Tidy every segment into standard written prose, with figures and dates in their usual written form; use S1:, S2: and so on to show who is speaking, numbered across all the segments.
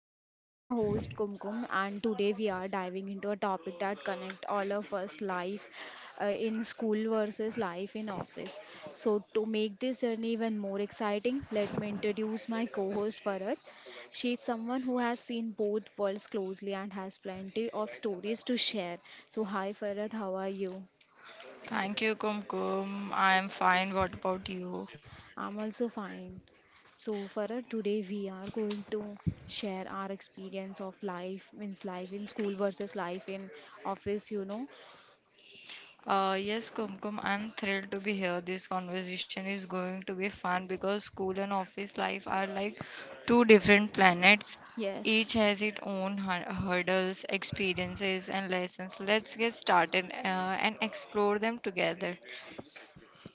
S1: Deal. I am your host Kumkum, and today we are diving into a topic that connect all of us: life in school versus life in office. So to make this journey even more exciting, let me introduce my co-host Farad. She is someone who has seen both worlds closely and has plenty of stories to share. So hi Farad, how are you?
S2: Thank you, Kumkum. I am fine. What about you?
S1: I'm also fine. So for today we are going to share our experience of life means life in school versus life in office.
S2: Yes, Kumkum, I'm thrilled to be here. This conversation is going to be fun because school and office life are like two different planets.
S1: Yes.
S2: Each has its own hurdles, experiences, and lessons. Let's get started and explore them together.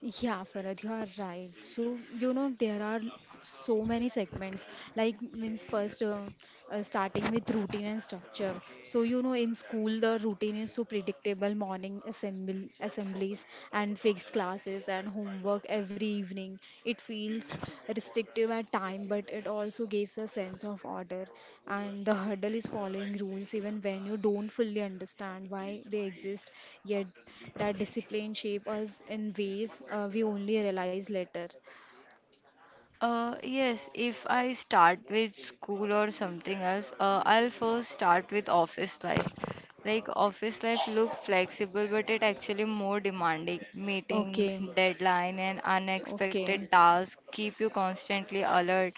S1: Yeah, Farad, you are right. So, you know, there are so many segments. Like, means first, starting with routine and structure. So, you know, in school, the routine is so predictable morning assemblies and fixed classes and homework every evening. It feels restrictive at time, but it also gives a sense of order. And the hurdle is following rules even when you don't fully understand why they exist, yet that discipline shape us in ways we only realize later.
S2: Yes, if I start with school or something else, I'll first start with office life. Like office life look flexible, but it actually more demanding. Meetings,
S1: Okay,
S2: deadline, and unexpected
S1: okay.
S2: tasks keep you constantly alert.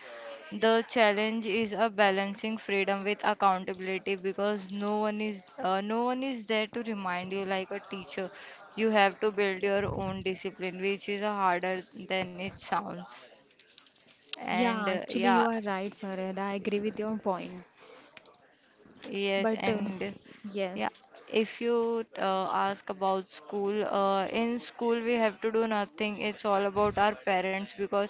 S2: The challenge is a balancing freedom with accountability because no one is there to remind you like a teacher. You have to build your own discipline, which is harder than it sounds.
S1: Yeah,
S2: And
S1: actually, you
S2: yeah,
S1: are right, Farad. I agree with your point.
S2: yes,
S1: But
S2: and yeah,
S1: yes,
S2: if you ask about school, in school we have to do nothing. It's all about our parents because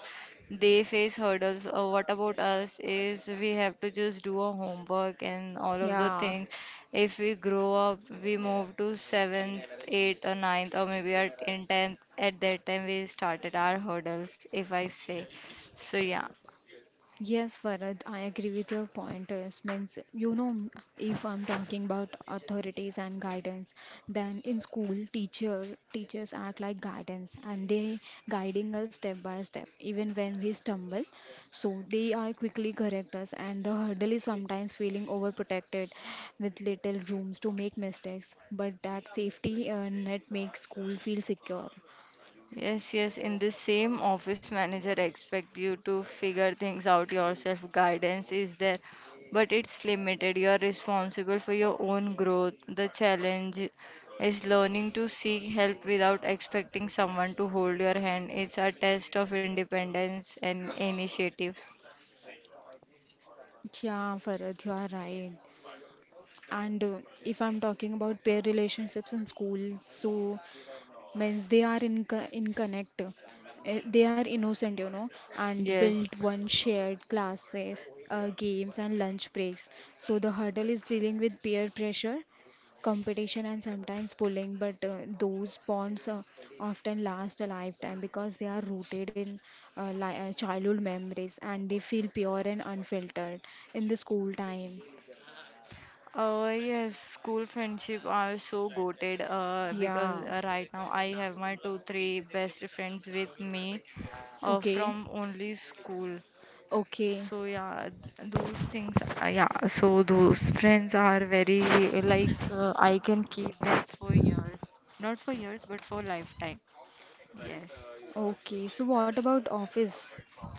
S2: they face hurdles. What about us is we have to just do our homework and all of the
S1: yeah.
S2: things. If we grow up, we move to seventh, eighth, or ninth, or maybe at in tenth. At that time, we started our hurdles, if I say. So yeah.
S1: Yes, Farad, I agree with your pointers. Means, you know, if I'm talking about authorities and guidance, then in school, teachers act like guidance and they guiding us step by step, even when we stumble. So they are quickly correct us, and the hurdle is sometimes feeling overprotected with little rooms to make mistakes. But that safety net makes school feel secure.
S2: Yes, in the same office manager expect you to figure things out yourself. Guidance is there, but it's limited. You are responsible for your own growth. The challenge is learning to seek help without expecting someone to hold your hand. It's a test of independence and initiative.
S1: Yeah, Farad, you are right. And if I'm talking about pair relationships in school, so means they are in connect, they are innocent, you know, and
S2: Yes.
S1: build one shared classes, games and lunch breaks. So the hurdle is dealing with peer pressure, competition, and sometimes bullying. But those bonds often last a lifetime because they are rooted in li childhood memories and they feel pure and unfiltered in the school time.
S2: Yes, school friendship are so goated because
S1: Yeah.
S2: right now I have my two, three best friends with me
S1: Okay.
S2: from only school.
S1: Okay,
S2: So yeah, those things, yeah, so those friends are very I can keep them for years. Not for years, but for lifetime. Yes.
S1: okay. So what about office?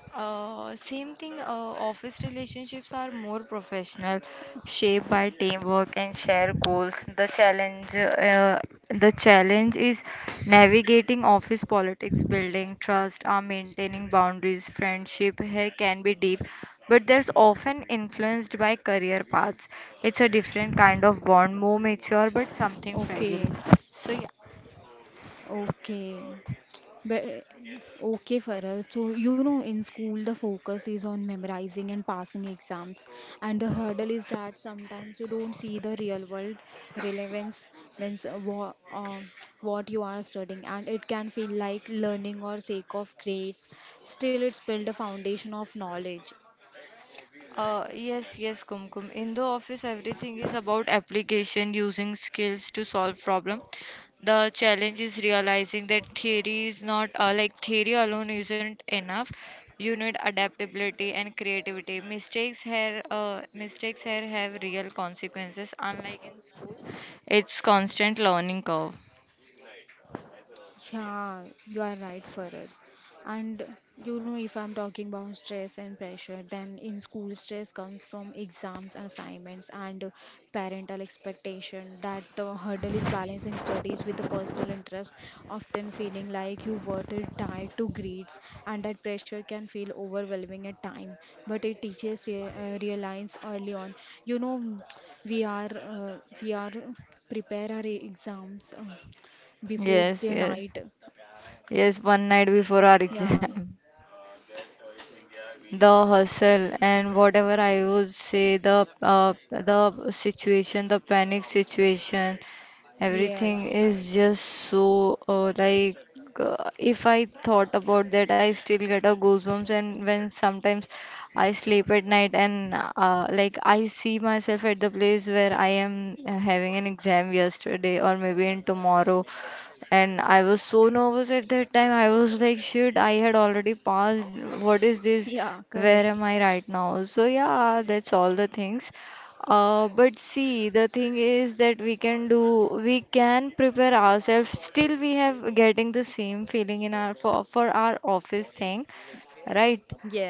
S2: Same thing, office relationships are more professional, shaped by teamwork and shared goals. The challenge is navigating office politics, building trust, maintaining boundaries. Friendship here can be deep, but there's often influenced by career paths. It's a different kind of bond, more mature, but something fragile.
S1: Okay,
S2: So yeah.
S1: okay. But okay, Farah. So you know, in school, the focus is on memorizing and passing exams, and the hurdle is that sometimes you don't see the real world relevance means what you are studying, and it can feel like learning or sake of grades. Still, it's build a foundation of knowledge.
S2: Yes, Kumkum. In the office, everything is about application, using skills to solve problem. The challenge is realizing that theory is not theory alone isn't enough. You need adaptability and creativity. Mistakes here have real consequences. Unlike in school, it's constant learning curve.
S1: Yeah, you are right, Farad. And you know, if I'm talking about stress and pressure, then in school, stress comes from exams and assignments and parental expectation. That the hurdle is balancing studies with the personal interest, often feeling like you were tied to grades, and that pressure can feel overwhelming at time. But it teaches re realize early on. You know, we are uh, we are prepare our exams before
S2: Yes,
S1: the
S2: yes,
S1: night
S2: yes. One night before our
S1: yeah.
S2: exam. The hustle and whatever I would say the situation, the panic situation, everything
S1: Yes.
S2: is just so if I thought about that, I still get a goosebumps. And when sometimes I sleep at night and I see myself at the place where I am having an exam yesterday or maybe in tomorrow, and I was so nervous at that time. I was like, shit, I had already passed. What is this?
S1: Yeah,
S2: Where
S1: correct.
S2: am I right now? So, yeah, that's all the things. But see, the thing is that we can do, we can prepare ourselves. Still, we have getting the same feeling in our for our office thing, right?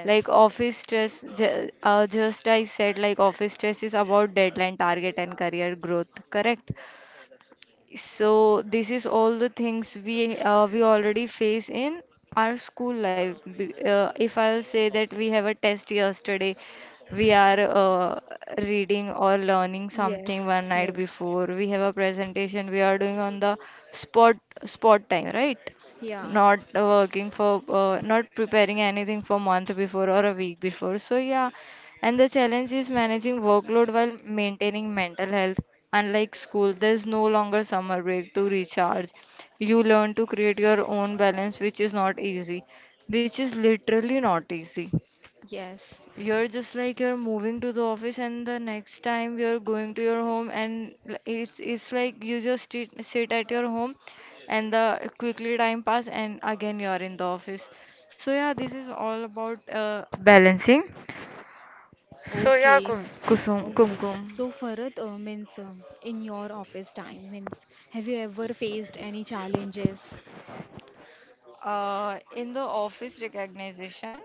S2: Like just I said, like office stress is about deadline, target, and career growth, correct? So this is all the things we already face in our school life. If I'll say that we have a test yesterday, we are reading or learning something
S1: Yes.
S2: one night
S1: Yes.
S2: before. We have a presentation we are doing on the spot spot time, right?
S1: Yeah.
S2: Not preparing anything for month before or a week before. So yeah, and the challenge is managing workload while maintaining mental health. Unlike school, there's no longer summer break to recharge. You learn to create your own balance, which is not easy, which is literally not easy.
S1: Yes.
S2: You're just like you're moving to the office, and the next time you're going to your home, and it's like you just sit at your home, and the quickly time pass, and again you're in the office. So yeah, this is all about balancing. So yeah,
S1: Okay. s-
S2: Kusum,
S1: Okay.
S2: Kumkum.
S1: So Farad, means in your office time, means have you ever faced any challenges?
S2: In the office recognition,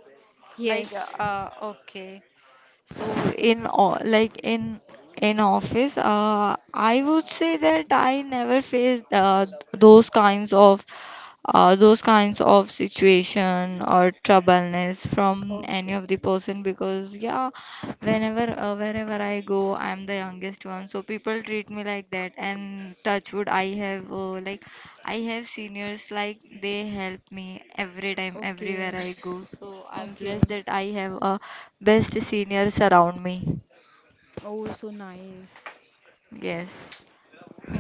S2: like
S1: Yes.
S2: okay, so in in office, I would say that I never faced those kinds of those kinds of situation or troubleness from any of the
S1: Okay.
S2: person because yeah, whenever wherever I go I'm the youngest one, so people treat me like that, and touch wood I have I have seniors like they help me every time
S1: Okay.
S2: everywhere I go, so I'm blessed
S1: Okay.
S2: that I have best seniors around me.
S1: Oh, so nice.
S2: Yes,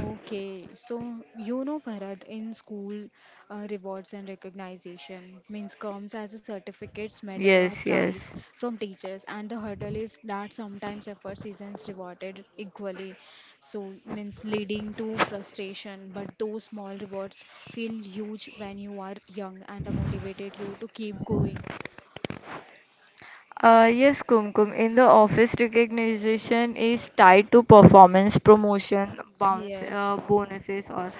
S1: Okay, so you know, Bharat, in school, rewards and recognition means comes as a certificates, medal, or
S2: yes,
S1: prize
S2: yes.
S1: from teachers, and the hurdle is that sometimes efforts isn't rewarded equally. So means leading to frustration, but those small rewards feel huge when you are young and the motivated you to keep going.
S2: Yes, Kumkum, in the office, recognition is tied to performance, promotion,
S1: Yes,
S2: bonuses, or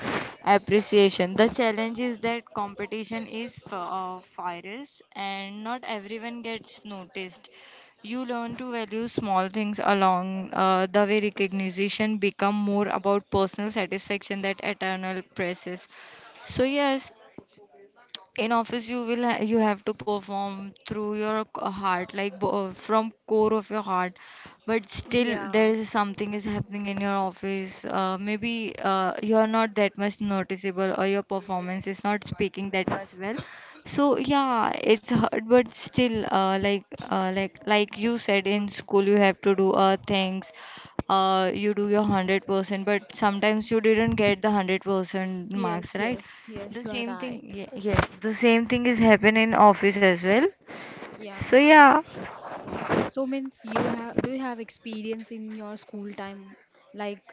S2: appreciation. The challenge is that competition is fierce and not everyone gets noticed. You learn to value small things along the way recognition become more about personal satisfaction that eternal presses. So yes, in office you will ha you have to perform through your heart like bo from core of your heart, but still there
S1: yeah,
S2: is something is happening in your office maybe you are not that much noticeable or your performance is not speaking that much well. So yeah, it's hard but still like you said, in school you have to do things, you do your 100% but sometimes you didn't get the 100% marks,
S1: yes,
S2: right?
S1: yes, yes, you are right.
S2: The same thing is happen in office as well.
S1: Yeah.
S2: So yeah,
S1: So means you have do you have experience in your school time, like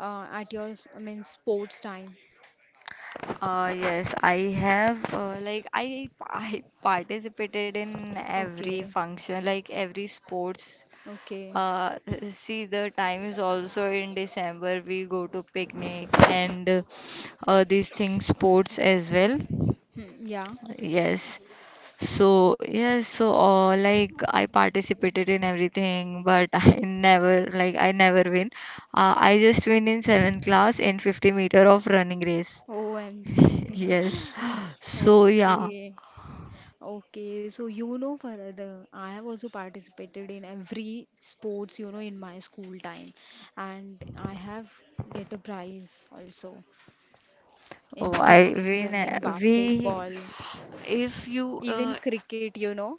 S1: means sports time?
S2: yes, I have I participated in every
S1: Okay,
S2: function, like every sports.
S1: okay,
S2: Uh, see, the time is also in December. We go to picnic and these things, sports as well.
S1: hmm, yeah.
S2: Yes. So, yes, so I participated in everything, but I never like I never win. I just win in seventh class in 50 meter of running race.
S1: OMG.
S2: Yes. So yeah.
S1: Okay, okay. So you know, for the I have also participated in every sports, you know, in my school time, and I have get a prize also in
S2: Oh, I
S1: skipping,
S2: win.
S1: running,
S2: We
S1: basketball,
S2: if you
S1: even cricket. You know.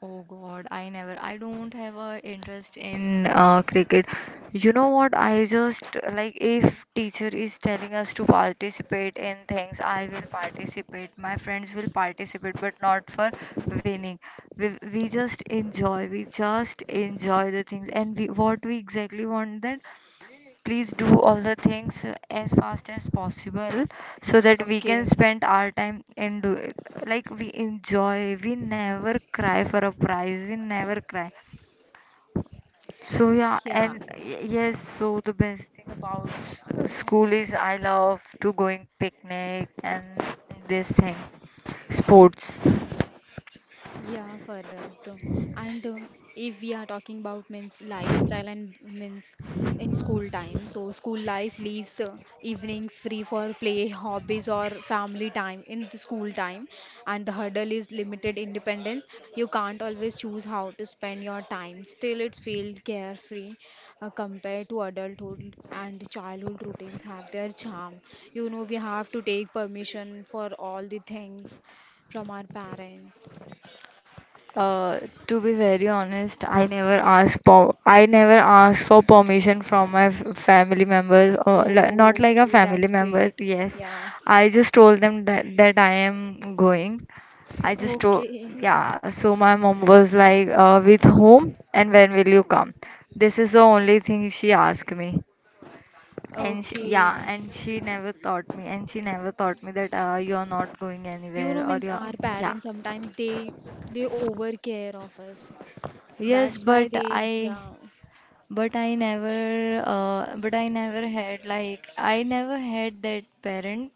S2: Oh God, I never, I don't have a interest in cricket. You know what? I just like if teacher is telling us to participate in things, I will participate. My friends will participate, but not for winning. We just enjoy. We just enjoy the things, and we what we exactly want that please do all the things as fast as possible so that we can
S1: Okay,
S2: spend our time and do it, like we enjoy, we never cry for a prize, we never cry. So yeah,
S1: yeah.
S2: yes, so the best thing about school is I love to going picnic and this thing, sports.
S1: Yeah, Farad. And if we are talking about means lifestyle and means in school time, so school life leaves evening free for play, hobbies, or family time in the school time, and the hurdle is limited independence. You can't always choose how to spend your time. Still, it feels carefree compared to adulthood, and childhood routines have their charm. You know, we have to take permission for all the things from our parents.
S2: Uh, to be very honest, I never asked for permission from my family members or not like a
S1: Okay,
S2: family
S1: that's
S2: member.
S1: great.
S2: Yes,
S1: Yeah.
S2: I just told them that I am going. I just told,
S1: Okay.
S2: yeah. So my mom was like, "With whom and when will you come?" This is the only thing she asked me. And she, yeah,
S1: Okay.
S2: and she never taught me, and she never taught me that you're not going
S1: You know,
S2: anywhere or
S1: means
S2: you're,
S1: our
S2: yeah.
S1: parents sometimes they overcare of us.
S2: Yes,
S1: That's why
S2: but
S1: they
S2: I,
S1: yeah.
S2: but I never, but I never had like I never had that parent.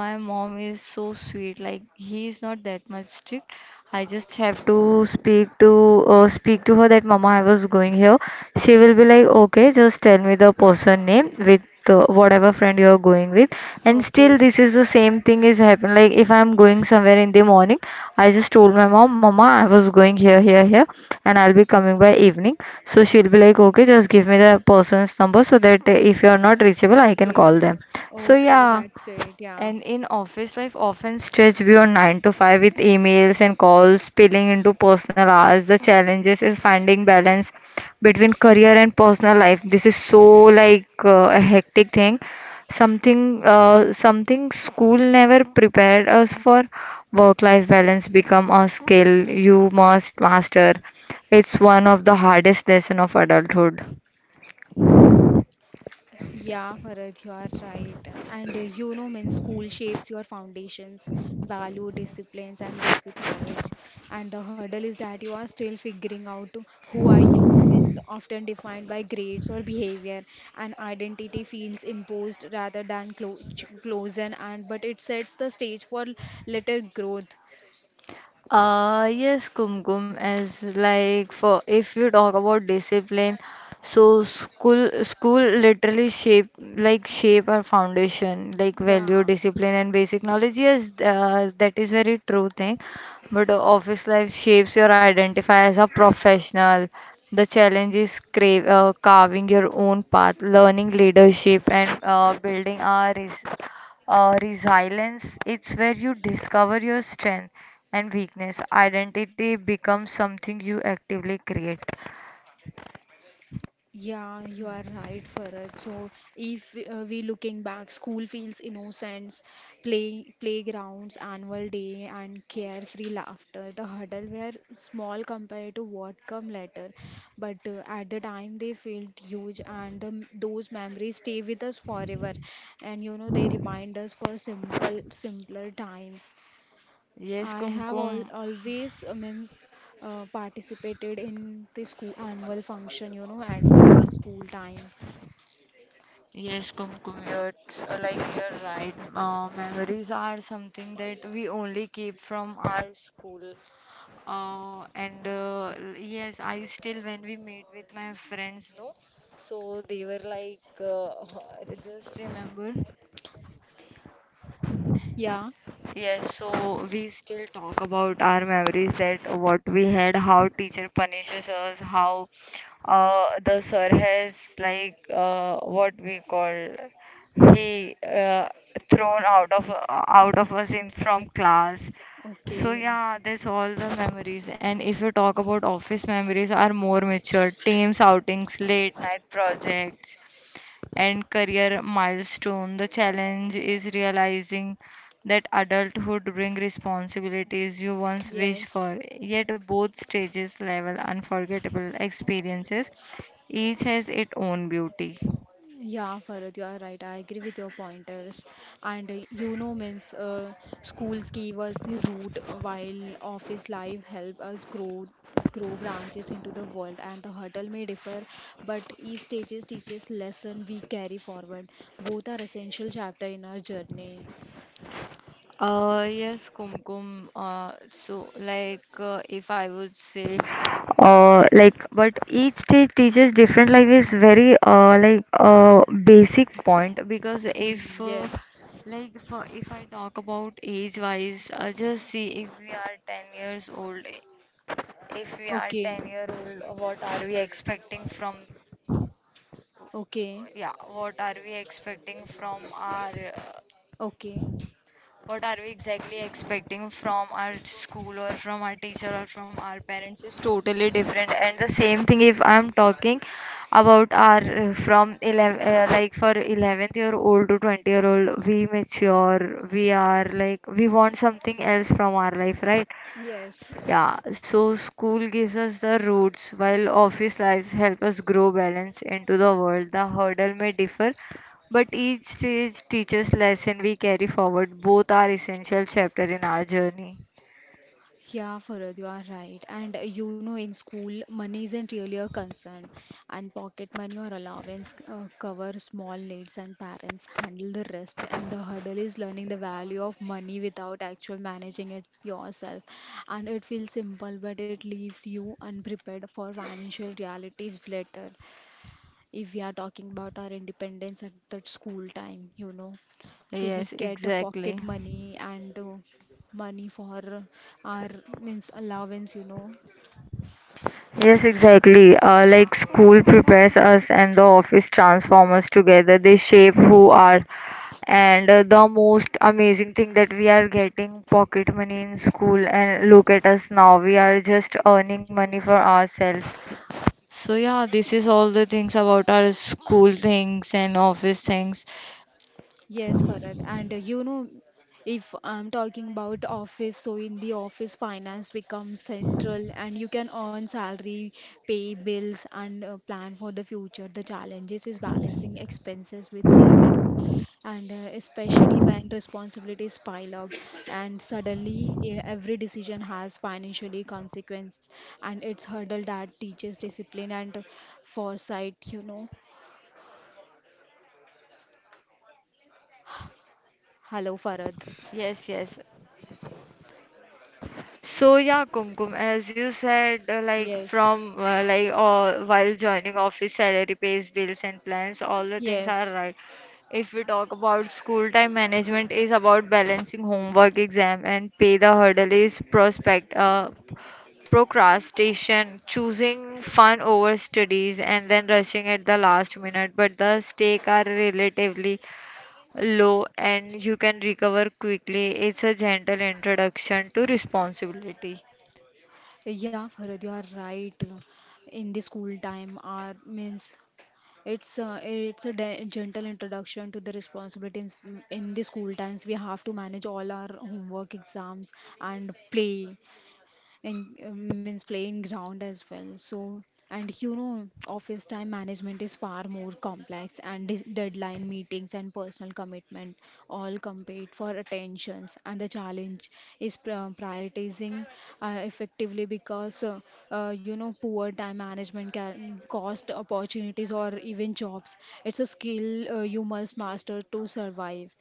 S2: My mom is so sweet. Like he is not that much strict. I just have to speak to her that Mama, I was going here. She will be like, okay, just tell me the person name with whatever friend you are going with. And still,
S1: Okay.
S2: this is the same thing is happen. Like if I'm going somewhere in the morning, I just told my mom, Mama, I was going here, here, here, and I'll be coming by evening. So she'll be like, okay, just give me the person's number so that if you are not reachable, I can
S1: Okay.
S2: call them. So
S1: Okay,
S2: yeah.
S1: that's great. Yeah.
S2: And in office life, often stretch beyond 9 to 5 with emails and calls spilling into personal hours. The challenges is finding balance between career and personal life. This is so like a hectic thing. Something school never prepared us for. Work-life balance become a skill you must master. It's one of the hardest lesson of adulthood.
S1: Yeah, Bharat, you are right. And you know, when school shapes your foundations, value, disciplines, and basic knowledge. And the hurdle is that you are still figuring out who are you, means often defined by grades or behavior. And identity feels imposed rather than closen, and but it sets the stage for later growth.
S2: Yes, Kumkum, as like for if you talk about discipline, so school school literally shape our foundation, like value,
S1: Yeah.
S2: discipline, and basic
S1: Hmm.
S2: knowledge. Yes, that is very true thing. But office life shapes your identify as a professional. The challenge is carving your own path, learning leadership, and building our res resilience. It's where you discover your strength and weakness. Identity becomes something you actively create.
S1: Yeah, you are right, Farad. So if we looking back, school feels innocence, playgrounds, annual day, and carefree laughter. The hurdle were small compared to what come later, but at the time they felt huge, and the, those memories stay with us forever. And you know they remind us for simpler times.
S2: Yes,
S1: I have
S2: Kumkum.
S1: al always means participated in the school annual function, you know, at in my school time.
S2: Yes, Kumkum. It's you're right. Memories are something that we only keep from our school. Yes, I still when we meet with my friends, no. So they were like, just remember.
S1: Yeah.
S2: Yes, so we still talk about our memories that what we had, how teacher punishes us, how the sir has like what we call he thrown out of us in from class. So
S1: Okay.
S2: yeah, that's all the memories. And if you talk about office memories, are more mature, teams outings, late night projects and career milestone. The challenge is realizing that adulthood brings responsibilities you once wished
S1: Yes.
S2: for, yet both stages level unforgettable experiences. Each has its own beauty.
S1: Yeah, Farad, you are right. I agree with your pointers. And you know, means schools give us the root while office life help us grow branches into the world. And the hurdle may differ, but each stages teaches lesson we carry forward. Both are essential chapter in our journey.
S2: Yes, Kumkum. If I would say, like but each stage teaches different like is very basic point because if,
S1: Mm, yes.
S2: like, for, if I talk about age-wise, just see if we are 10 years old, if we are
S1: Okay.
S2: 10-year-old, what are we expecting
S1: Okay.
S2: yeah, what are we expecting from our
S1: Okay.
S2: what are we exactly expecting from our school or from our teacher or from our parents is totally different. And the same thing if I'm talking about our from 11 uh, like for 11th year old to 20 year old, we mature, we are like we want something else from our life, right?
S1: Yes.
S2: Yeah, so school gives us the roots while office lives help us grow balance into the world. The hurdle may differ, but each stage teaches lesson we carry forward. Both are essential chapter in our journey.
S1: Yeah, Farad, you are right. And you know, in school, money isn't really a concern, and pocket money or allowance cover small needs, and parents handle the rest. And the hurdle is learning the value of money without actual managing it yourself. And it feels simple, but it leaves you unprepared for financial realities later. If we are talking about our independence at that school time, you know. So we
S2: Yes,
S1: get a pocket
S2: exactly.
S1: money and money for our means allowance, you know.
S2: Yes, exactly.
S1: Yeah.
S2: School prepares us and the office transforms us together. They shape who are. And the most amazing thing that we are getting pocket money in school and look at us now. We are just earning money for ourselves. So yeah, this is all the things about our school things and office things.
S1: Yes, Farad. And you know, if I'm talking about office, so in the office, finance becomes central and you can earn salary, pay bills, and plan for the future. The challenges is balancing expenses with savings, and especially when responsibilities pile up and suddenly every decision has financially consequence, and it's hurdle that teaches discipline and foresight, you know. Hello, Farad.
S2: Yes, yes. So yeah, Kumkum, as you said, like
S1: Yes,
S2: from like while joining office, salary, pays, bills, and plans, all the things are
S1: yes.
S2: right. If we talk about school time management, is about balancing homework, exam, and pay. The hurdle is procrastination, choosing fun over studies, and then rushing at the last minute. But the stake are relatively low, and you can recover quickly. It's a gentle introduction to responsibility.
S1: Yeah, Farad, you are right. In the school time, our means it's a gentle introduction to the responsibilities. In the school times, we have to manage all our homework, exams, and play and means playing ground as well. So, and you know, office time management is far more complex, and deadline meetings and personal commitment all compete for attentions. And the challenge is prioritizing effectively because you know, poor time management can cost opportunities or even jobs. It's a skill you must master to survive.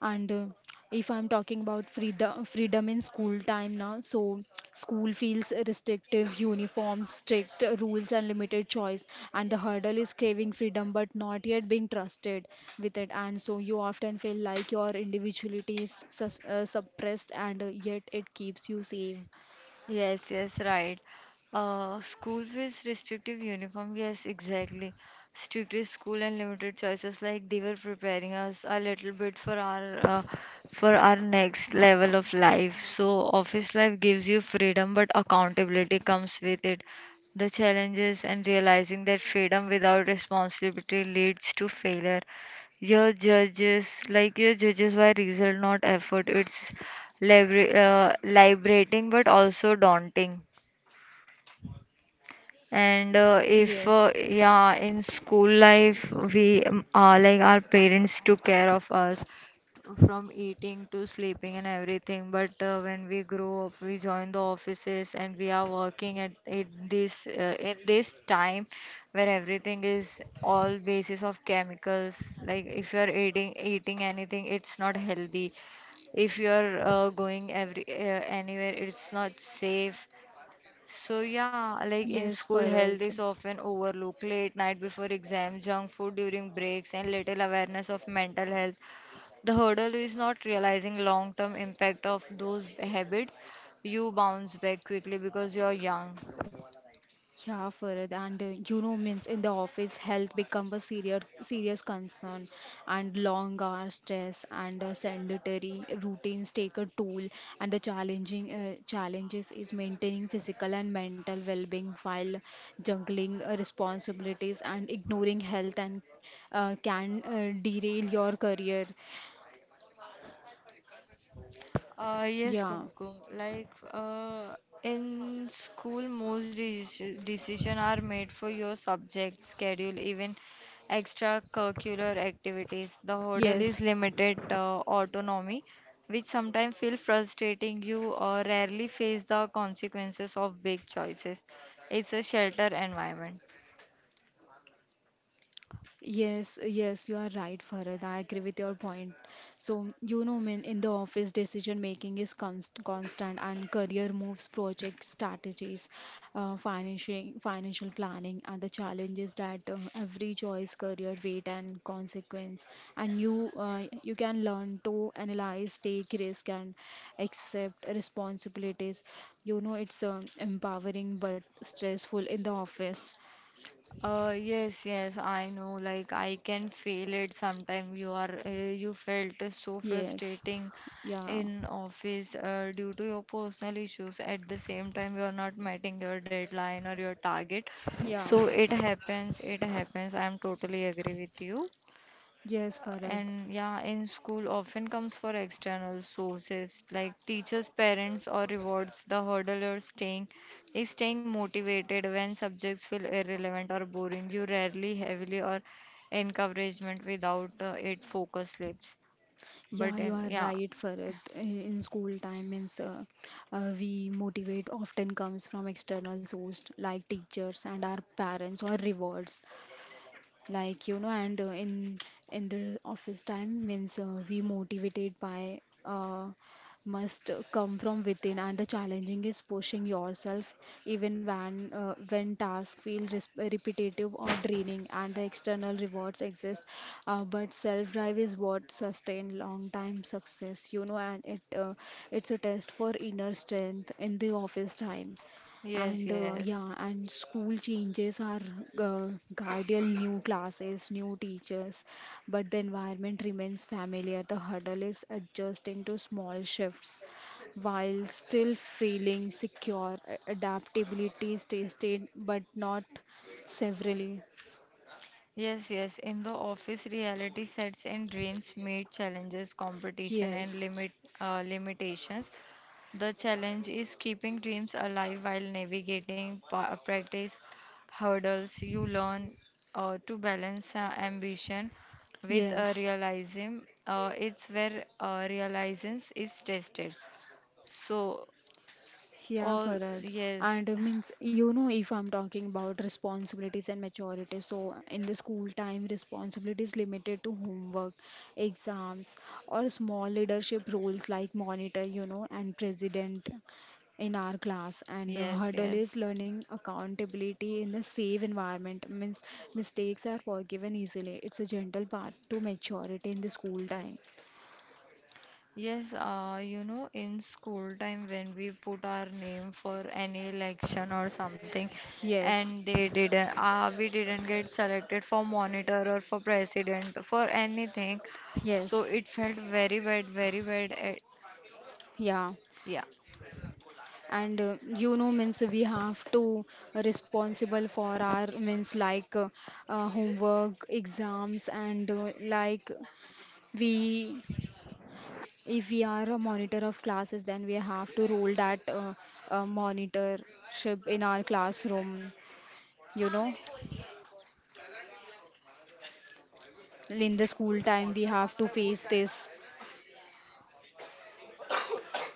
S1: And if I'm talking about freedom, freedom in school time now, so school feels restrictive, uniforms, strict rules, and limited choice. And the hurdle is craving freedom, but not yet being trusted with it. And so you often feel like your individuality is sus suppressed, and yet it keeps you safe.
S2: Yes, yes, right. School fees, restrictive uniform. Yes, exactly. Strictly school and limited choices. Like they were preparing us a little bit for our next level of life. So office life gives you freedom, but accountability comes with it. The challenges and realizing that freedom without responsibility leads to failure. Your judges, like your judges, by result, not effort. It's liberating but also daunting. And if,
S1: Yes,
S2: yeah, in school life, we like our parents took care of us from eating to sleeping and everything. But when we grow up, we join the offices and we are working at in this time where everything is all basis of chemicals. Like if you are eating anything, it's not healthy. If you're going every anywhere, it's not safe. So yeah, like in
S1: yes,
S2: school, health
S1: Farad.
S2: is often overlooked. Late night before exam, junk food during breaks, and little awareness of mental health. The hurdle is not realizing long-term impact of those habits. You bounce back quickly because you're young.
S1: Yeah, Farad, and you know, means in the office, health becomes a serious concern, and long hour stress and sedentary routines take a toll. And the challenging challenges is maintaining physical and mental well-being while juggling responsibilities and ignoring health and can derail your career.
S2: Yes,
S1: Yeah.
S2: Kumkum. In school, most decision are made for your subject, schedule, even extracurricular activities. The hurdle is
S1: Yes.
S2: limited autonomy, which sometimes feel frustrating. You rarely face the consequences of big choices. It's a shelter environment.
S1: Yes, yes, you are right, Farad. I agree with your point. So, you know, when in the office, decision making is constant and career moves, project strategies, financial planning, and the challenges that every choice, career, weight, and consequence. And you can learn to analyze, take risk, and accept responsibilities. You know, it's empowering but stressful in the office.
S2: Yes, yes, I know. Like I can feel it sometime. You felt so
S1: Yes,
S2: frustrating
S1: yeah,
S2: in office due to your personal issues. At the same time, you are not meeting your deadline or your target.
S1: yeah.
S2: So it happens. It happens. I'm totally agree with you.
S1: Yes, Farad.
S2: And yeah, in school often comes for external sources like teachers, parents, or rewards. The hurdle you're staying is staying motivated when subjects feel irrelevant or boring. You rarely heavily or encouragement without it focus slips. But
S1: Yeah, you
S2: in
S1: are
S2: yeah,
S1: right, Farad. In school time, means we motivate often comes from external source like teachers and our parents or rewards. Like you know and in the office time means we motivated by must come from within and the challenging is pushing yourself even when tasks feel repetitive or draining and the external rewards exist but self drive is what sustain long time success you know and it's a test for inner strength in the office time
S2: yes,
S1: and
S2: yes.
S1: yeah, and school changes are uh, guardian new classes, new teachers, but the environment remains familiar. The hurdle is adjusting to small shifts while still feeling secure. Adaptability stays, tested, but not severely.
S2: Yes, yes. In the office, reality sets in dreams meet challenges, competition, and
S1: Yes,
S2: limitations. The challenge is keeping dreams alive while navigating practice hurdles. You learn to balance ambition with
S1: yes.
S2: realism. It's where realism is tested. So,
S1: Yeah,
S2: all
S1: Farad.
S2: yes,
S1: And if I'm talking about responsibilities and maturity, so in the school time, responsibilities limited to homework, exams, or small leadership roles like monitor, you know, and president in our class. And the
S2: yes,
S1: hurdle is
S2: yes.
S1: learning accountability in the safe environment. Means mistakes are forgiven easily. It's a gentle path to maturity in the school time.
S2: Yes, you know, in school time when we put our name for any election or something,
S1: Yes,
S2: and they didn't, we didn't get selected for monitor or for president for anything, so
S1: yes,
S2: it felt very bad, very bad.
S1: yeah.
S2: Yeah.
S1: and You know, means we have to responsible for our means like homework exams and like we, if we are a monitor of classes, then we have to rule that monitorship in our classroom, you know, in the school time we have to face this.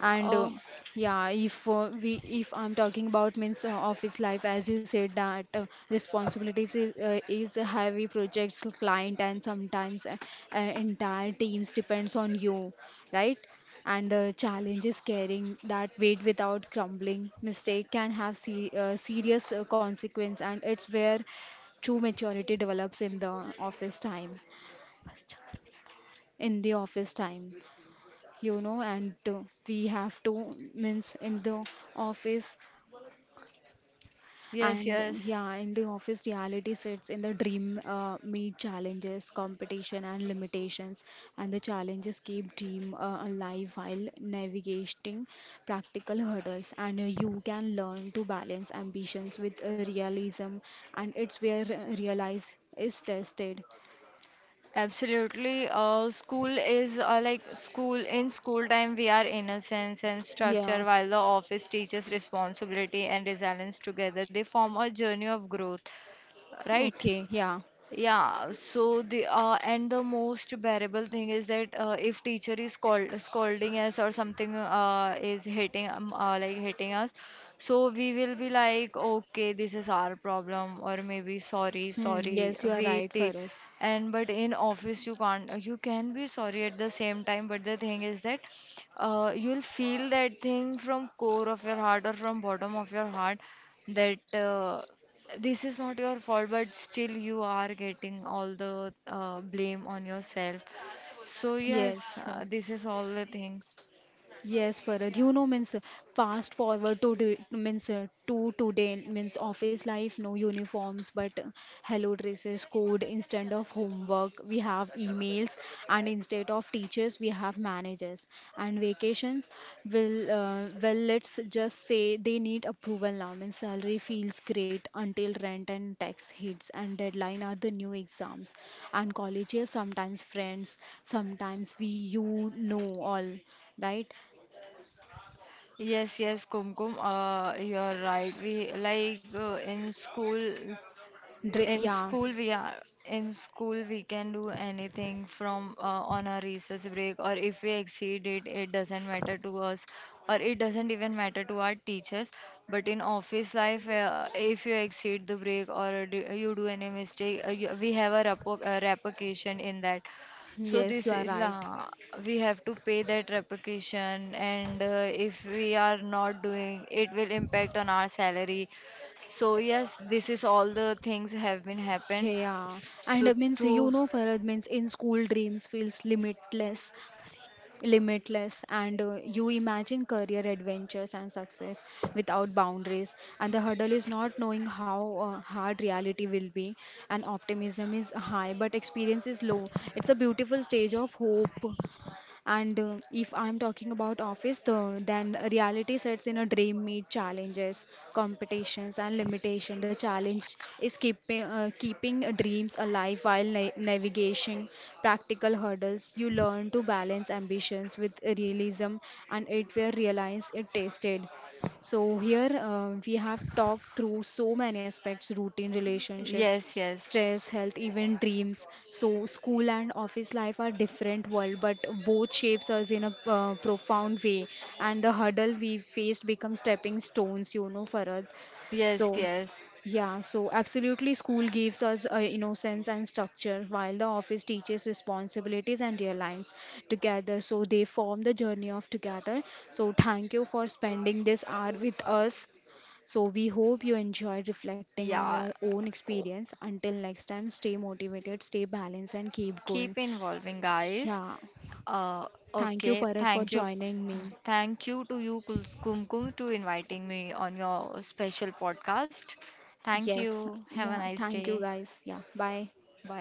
S1: And
S2: Oh,
S1: Yeah, if we, if I'm talking about means office life, as you said, that responsibilities is a heavy projects client, and sometimes entire teams depends on you, right, and the challenge is carrying that weight without crumbling. Mistake can have serious consequence, and it's where true maturity develops in the office time, in the office time, you know. And We have to means in the office.
S2: yes,
S1: And
S2: yes.
S1: Yeah, in the office reality sits in the dream, meet challenges, competition, and limitations, and the challenges keep dream alive while navigating practical hurdles, and you can learn to balance ambitions with realism, and it's where realize is tested.
S2: Absolutely. School is school. In school time, we are innocence and structure,
S1: Yeah,
S2: while the office teaches responsibility and resilience together. They form a journey of growth. Right.
S1: okay, yeah.
S2: Yeah, so the most bearable thing is that if teacher is called scolding us or something is hitting hitting us, so we will be like okay this is our problem or maybe sorry,
S1: Hmm,
S2: sorry
S1: yes, you are right, Farooq.
S2: and but in office you can't, you can be sorry at the same time, but the thing is that you'll feel that thing from core of your heart or from bottom of your heart that this is not your fault but still you are getting all the blame on yourself. So yes,
S1: Yes.
S2: this is all the things.
S1: Yes, Farad. You know, means fast forward to the- means to today means office life, no uniforms, but hello dresses, code instead of homework. We have emails, and instead of teachers, we have managers. And vacations, will well, let's just say they need approval now. Means salary feels great until rent and tax hits, and deadline are the new exams. And colleges, sometimes friends, sometimes we, all right.
S2: Yes, yes, Kumkum, you're right. we like in school In
S1: Yeah,
S2: school, We can do anything from on our recess break, or if we exceed it, it doesn't matter to us, or it doesn't even matter to our teachers. But in office life, if you exceed the break you do any mistake, we have a repercussion in that. So this
S1: yes, you are
S2: is
S1: right.
S2: we have to pay that repercussion, and if we are not doing, it will impact on our salary. So yes, this is all the things have been happened.
S1: Yeah,
S2: So
S1: and it means,
S2: to
S1: you know, Farad, means in school dreams feels limitless, limitless, and you imagine career adventures and success without boundaries. And the hurdle is not knowing how hard reality will be, and optimism is high, but experience is low. It's a beautiful stage of hope. And if I'm talking about office, though, then reality sets in a dream, meet challenges, competitions, and limitation. The challenge is keeping dreams alive while navigating practical hurdles. You learn to balance ambitions with realism, and it will realize it tasted. So here we have talked through so many aspects: routine, relationship,
S2: yes, yes,
S1: stress, health, even dreams. So, school and office life are different world, but both shapes us in a profound way. And the hurdle we faced become stepping stones, you know, for us.
S2: yes,
S1: So,
S2: yes,
S1: yeah, so absolutely, school gives us innocence and structure, while the office teaches responsibilities and aligns together. So they form the journey of together. So thank you for spending this hour with us. So, we hope you enjoyed reflecting on
S2: yeah.
S1: your own
S2: O-
S1: experience. Until next time, stay motivated, stay balanced, and keep
S2: Keep
S1: going.
S2: involving, guys.
S1: Yeah.
S2: Uh,
S1: Thank you,
S2: okay,
S1: Farad,
S2: thank
S1: for
S2: you.
S1: joining me.
S2: Thank you to you, Kumkum, to inviting me on your special podcast. Thank
S1: Yes.
S2: you. Have a
S1: Yeah.
S2: nice
S1: Thank
S2: day.
S1: you, guys. Yeah. Bye.
S2: But